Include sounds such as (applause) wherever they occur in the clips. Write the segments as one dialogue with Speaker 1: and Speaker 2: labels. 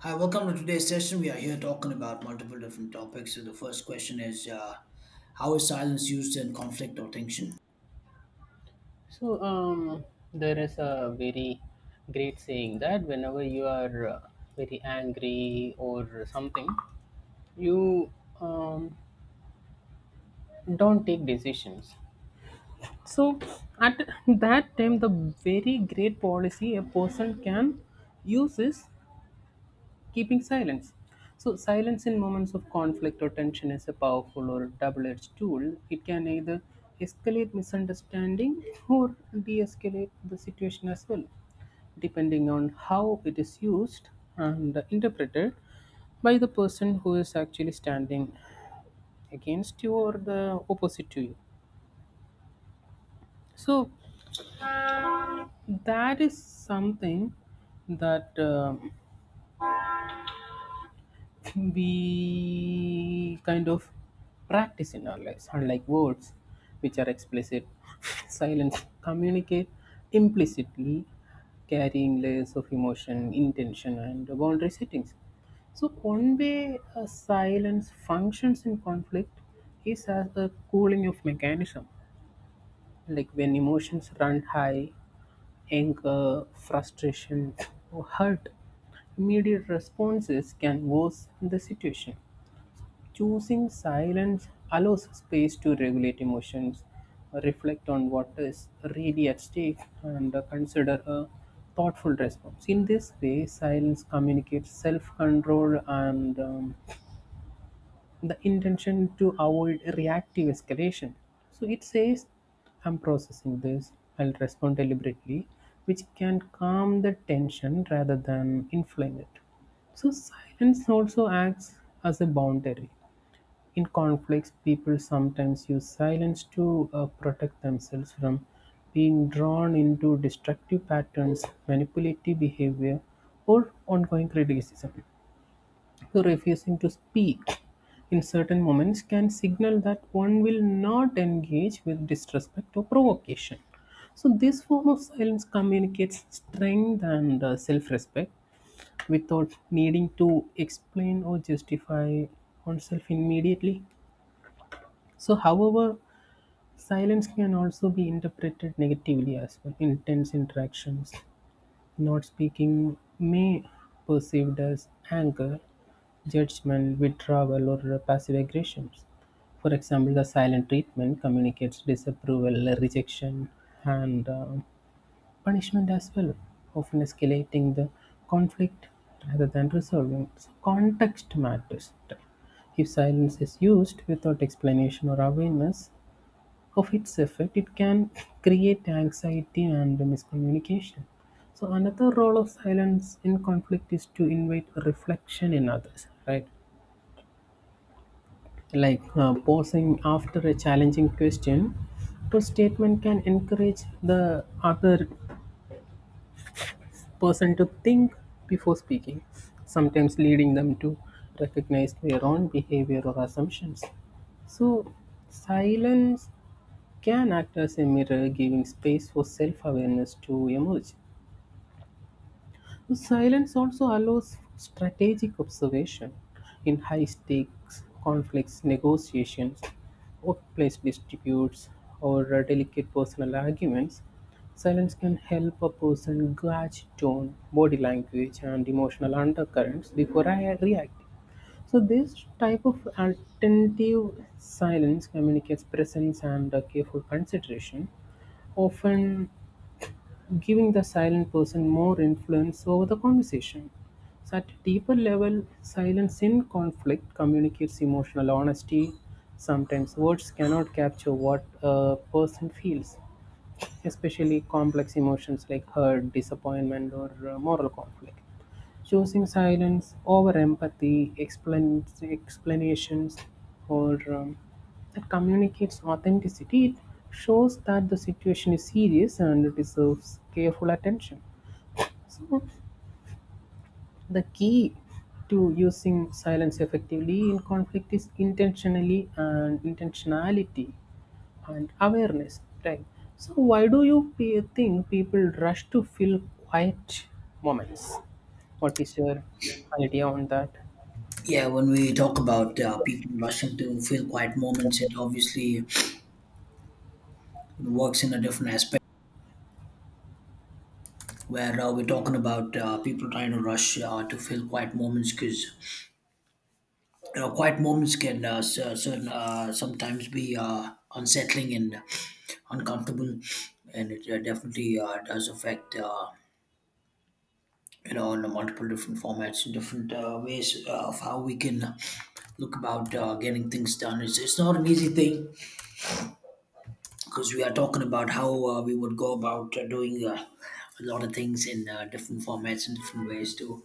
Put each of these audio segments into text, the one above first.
Speaker 1: Hi, welcome to today's session. We are here talking about multiple different topics. So the first question is, how is silence used in conflict or tension?
Speaker 2: So, there is a very great saying that whenever you are very angry or something, you um, don't take decisions. So, at that time, the very great policy a person can use is keeping silence. So, silence in moments of conflict or tension is a powerful or double edged tool. It can either escalate misunderstanding or de escalate the situation as well. Depending on how it is used and interpreted by the person who is actually standing against you or the opposite to you. So, that is something that we kind of practice in our lives, unlike words, which are explicit, (laughs) silent, communicate implicitly, carrying layers of emotion, intention, and boundary settings. So, one way a silence functions in conflict is as a cooling off mechanism. Like when emotions run high, anger, frustration, or hurt, immediate responses can worsen the situation. Choosing silence allows space to regulate emotions, reflect on what is really at stake, and consider a thoughtful response. In this way, silence communicates self control and the intention to avoid reactive escalation. So it says, I'm processing this, I'll respond deliberately, which can calm the tension rather than inflame it. So silence also acts as a boundary. In conflicts, people sometimes use silence to protect themselves from being drawn into destructive patterns, manipulative behavior, or ongoing criticism. Refusing to speak in certain moments can signal that one will not engage with disrespect or provocation. So, this form of silence communicates strength and self respect without needing to explain or justify oneself immediately. So, however, silence can also be interpreted negatively as well in tense interactions. Not speaking may perceived as anger, judgment, withdrawal, or passive aggressions. For example, the silent treatment communicates disapproval, rejection, and punishment as well, often escalating the conflict rather than resolving. So context matters. If silence is used without explanation or awareness, of its effect, it can create anxiety and miscommunication. So, another role of silence in conflict is to invite reflection in others, right? Like pausing after a challenging question or statement can encourage the other person to think before speaking, sometimes leading them to recognize their own behavior or assumptions. So, silence can act as a mirror, giving space for self awareness to emerge. Silence also allows strategic observation in high stakes conflicts, negotiations, workplace disputes, or delicate personal arguments. Silence can help a person gauge tone, body language, and emotional undercurrents before I react. So this type of attentive silence communicates presence and careful consideration, often giving the silent person more influence over the conversation. So at a deeper level, silence in conflict communicates emotional honesty. Sometimes words cannot capture what a person feels especially complex emotions like hurt, disappointment, or moral conflict. Choosing silence over empathy, explanations, or that communicates authenticity, it shows that the situation is serious and deserves careful attention. So, the key to using silence effectively in conflict is intentionally and intentionality and awareness, right? So why do think people rush to fill quiet moments? What is your idea on that?
Speaker 1: Yeah, when we talk about people rushing to fill quiet moments, it obviously works in a different aspect. Where we're talking about people trying to rush to fill quiet moments, because you know, quiet moments can cer- certain sometimes be unsettling and uncomfortable, and it definitely does affect. You know, in multiple different formats and different ways of how we can look about getting things done, it's not an easy thing because we are talking about how we would go about doing a lot of things in different formats and different ways to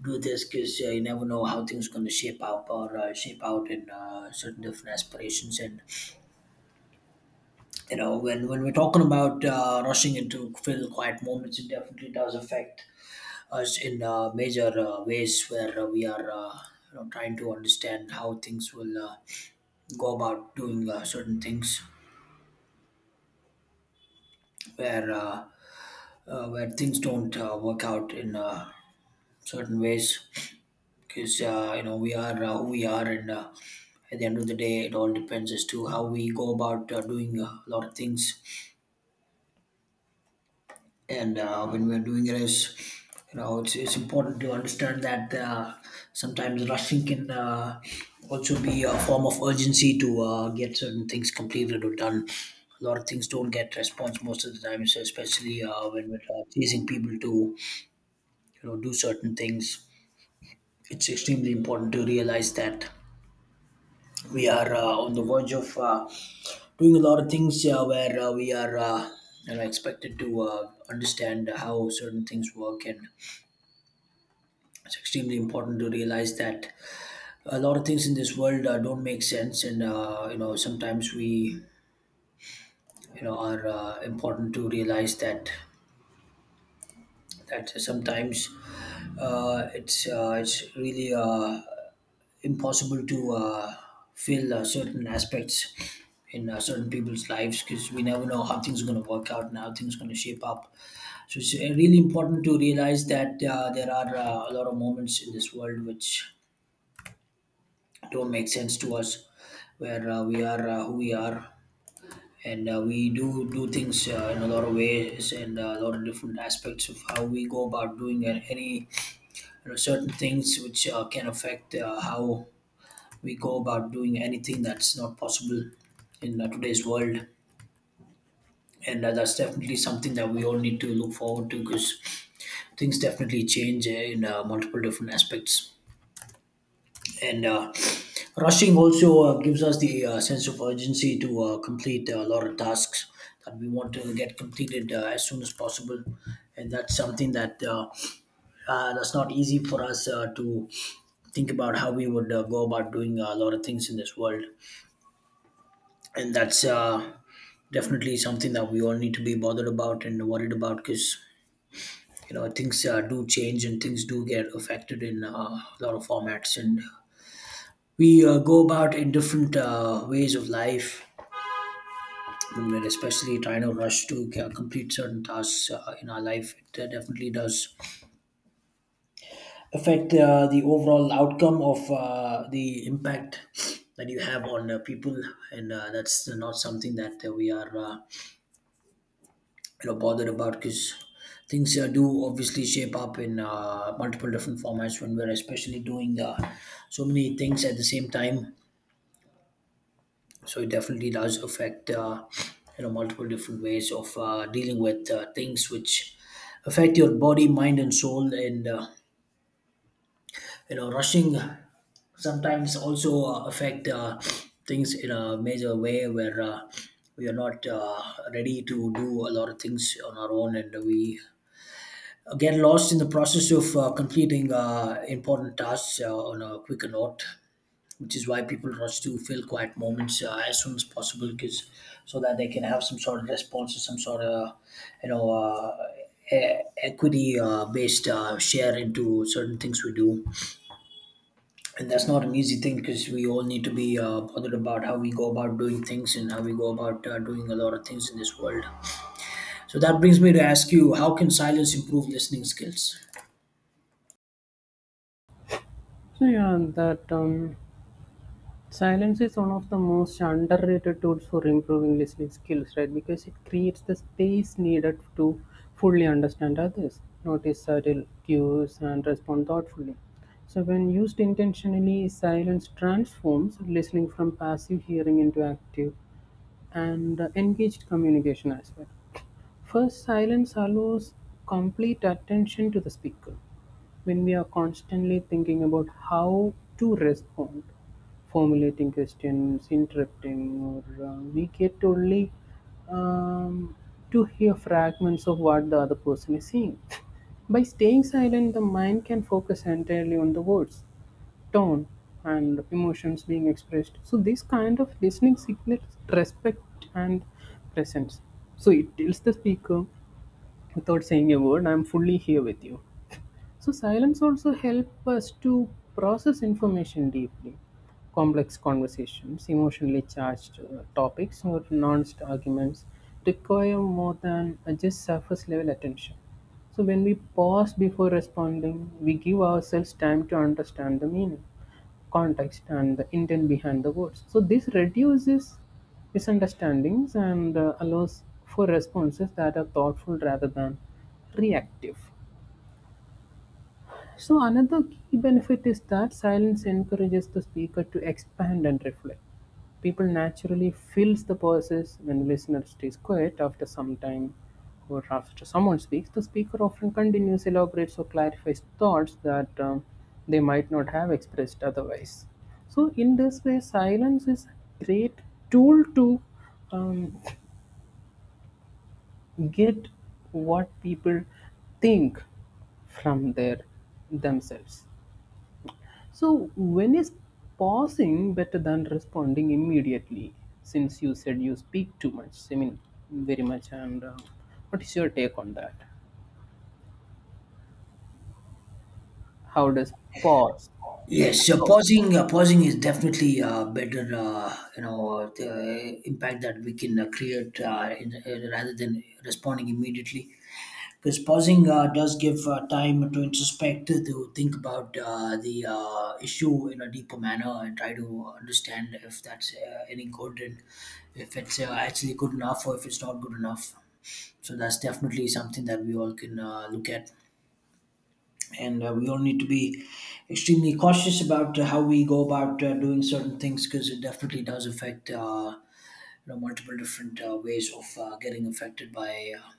Speaker 1: do this because you never know how things going to shape up or shape out in certain different aspirations. And you know, when we're talking about rushing into fill quiet moments, it definitely does affect us in major ways where we are you know, trying to understand how things will go about doing certain things where uh, where things don't work out in certain ways, because you know, we are who we are. And at the end of the day, it all depends as to how we go about doing a lot of things. And when we're doing it, is you know, it's important to understand that sometimes rushing can also be a form of urgency to get certain things completed or done. A lot of things don't get response most of the time, so especially when we're chasing people to you know do certain things, it's extremely important to realize that we are on the verge of doing a lot of things where we are you know, expected to understand how certain things work. And it's extremely important to realize that a lot of things in this world don't make sense. And you know sometimes we you know are important to realize that sometimes it's really impossible to fill certain aspects in certain people's lives, because we never know how things are going to work out and how things are going to shape up. So it's really important to realize that there are a lot of moments in this world which don't make sense to us, where we are who we are. And we do things in a lot of ways, and a lot of different aspects of how we go about doing it. Any you know, certain things which can affect how we go about doing anything, that's not possible in today's world. And that's definitely something that we all need to look forward to, because things definitely change in multiple different aspects. And rushing also gives us the sense of urgency to complete a lot of tasks that we want to get completed as soon as possible. And that's something that that's not easy for us to think about how we would go about doing a lot of things in this world. And that's definitely something that we all need to be bothered about and worried about, because you know, things do change and things do get affected in a lot of formats, and we go about in different ways of life. When we're especially trying to rush to complete certain tasks in our life, it definitely does affect the overall outcome of the impact that you have on people. And that's not something that we are you know bothered about, because things do obviously shape up in multiple different formats when we're especially doing so many things at the same time. So it definitely does affect you know multiple different ways of dealing with things which affect your body, mind and soul. And you know, rushing sometimes also affect things in a major way, where we are not ready to do a lot of things on our own, and we get lost in the process of completing important tasks on a quicker note, which is why people rush to fill quiet moments as soon as possible, because so that they can have some sort of response or some sort of you know equity based share into certain things we do. And that's not an easy thing, because we all need to be bothered about how we go about doing things and how we go about doing a lot of things in this world. So that brings me to ask you, how can silence improve listening skills?
Speaker 2: So yeah, that silence is one of the most underrated tools for improving listening skills, right? Because it creates the space needed to fully understand others, notice subtle cues, and respond thoughtfully. So, when used intentionally, silence transforms listening from passive hearing into active and engaged communication as well. First, silence allows complete attention to the speaker. When we are constantly thinking about how to respond, formulating questions, interrupting, or we get only um, to hear fragments of what the other person is saying. (laughs) By staying silent, the mind can focus entirely on the words tone and emotions being expressed. So this kind of listening signals respect and presence. So it tells the speaker without saying a word, I'm fully here with you. So silence also help us to process information deeply, complex conversations, emotionally charged topics, or nuanced arguments require more than just surface level attention. So when we pause before responding, we give ourselves time to understand the meaning, context, and the intent behind the words. So this reduces misunderstandings and allows for responses that are thoughtful rather than reactive. So another key benefit is that silence encourages the speaker to expand and reflect. People naturally fills the pauses when listener stays quiet after some time or after someone speaks. The speaker often continues, elaborates, or clarifies thoughts that they might not have expressed otherwise. So in this way, silence is a great tool to um, get what people think from their themselves. So, when is pausing better than responding immediately? Since you said you speak too much, I mean, very much, and what is your take on that? How does pause?
Speaker 1: Yes, so pausing, pausing is definitely better. You know, the impact that we can create rather than responding immediately, because pausing does give time to introspect, to think about the issue in a deeper manner, and try to understand if that's any good, and if it's actually good enough or if it's not good enough. So that's definitely something that we all can look at. And we all need to be extremely cautious about how we go about doing certain things, because it definitely does affect you know multiple different ways of getting affected by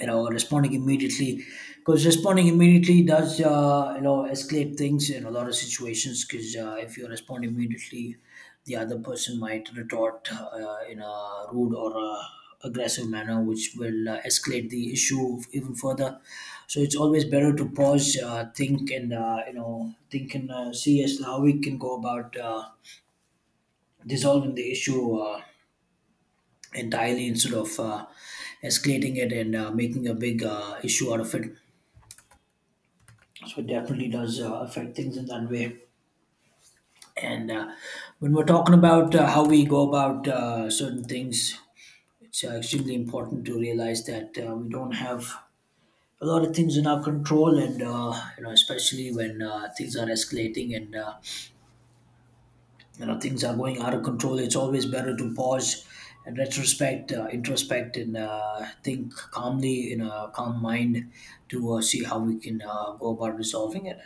Speaker 1: you know responding immediately, because responding immediately does you know escalate things in a lot of situations, because if you respond immediately, the other person might retort in a rude or a aggressive manner, which will escalate the issue even further. So it's always better to pause think and you know think and see as to how we can go about dissolving the issue entirely, instead of escalating it and making a big issue out of it. So it definitely does affect things in that way. And when we're talking about how we go about certain things, it's extremely important to realize that we don't have a lot of things in our control. And you know, especially when things are escalating and you know things are going out of control, it's always better to pause and retrospect, introspect and think calmly in a calm mind, to see how we can go about resolving it.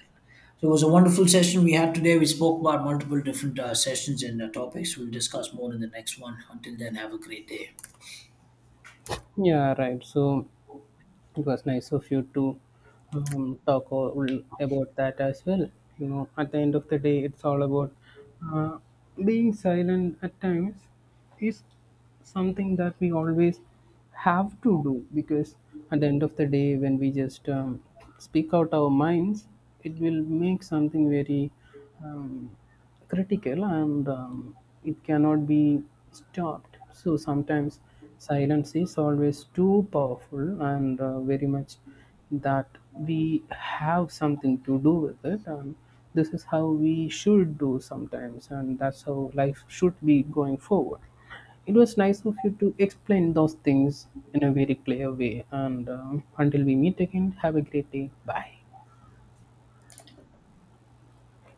Speaker 1: So it was a wonderful session we had today. We spoke about multiple different sessions and topics. We'll discuss more in the next one. Until then, have a great day.
Speaker 2: Yeah, right. So, it was nice of you to talk all about that as well. You know, at the end of the day, it's all about uh, being silent at times is something that we always have to do because at the end of the day, when we just speak out our minds, it will make something very um, critical and it cannot be stopped. So sometimes silence is always too powerful and very much that we have something to do with it. And this is how we should do sometimes, and that's how life should be going forward. It was nice of you to explain those things in a very clear way. And until we meet again, have a great day. Bye.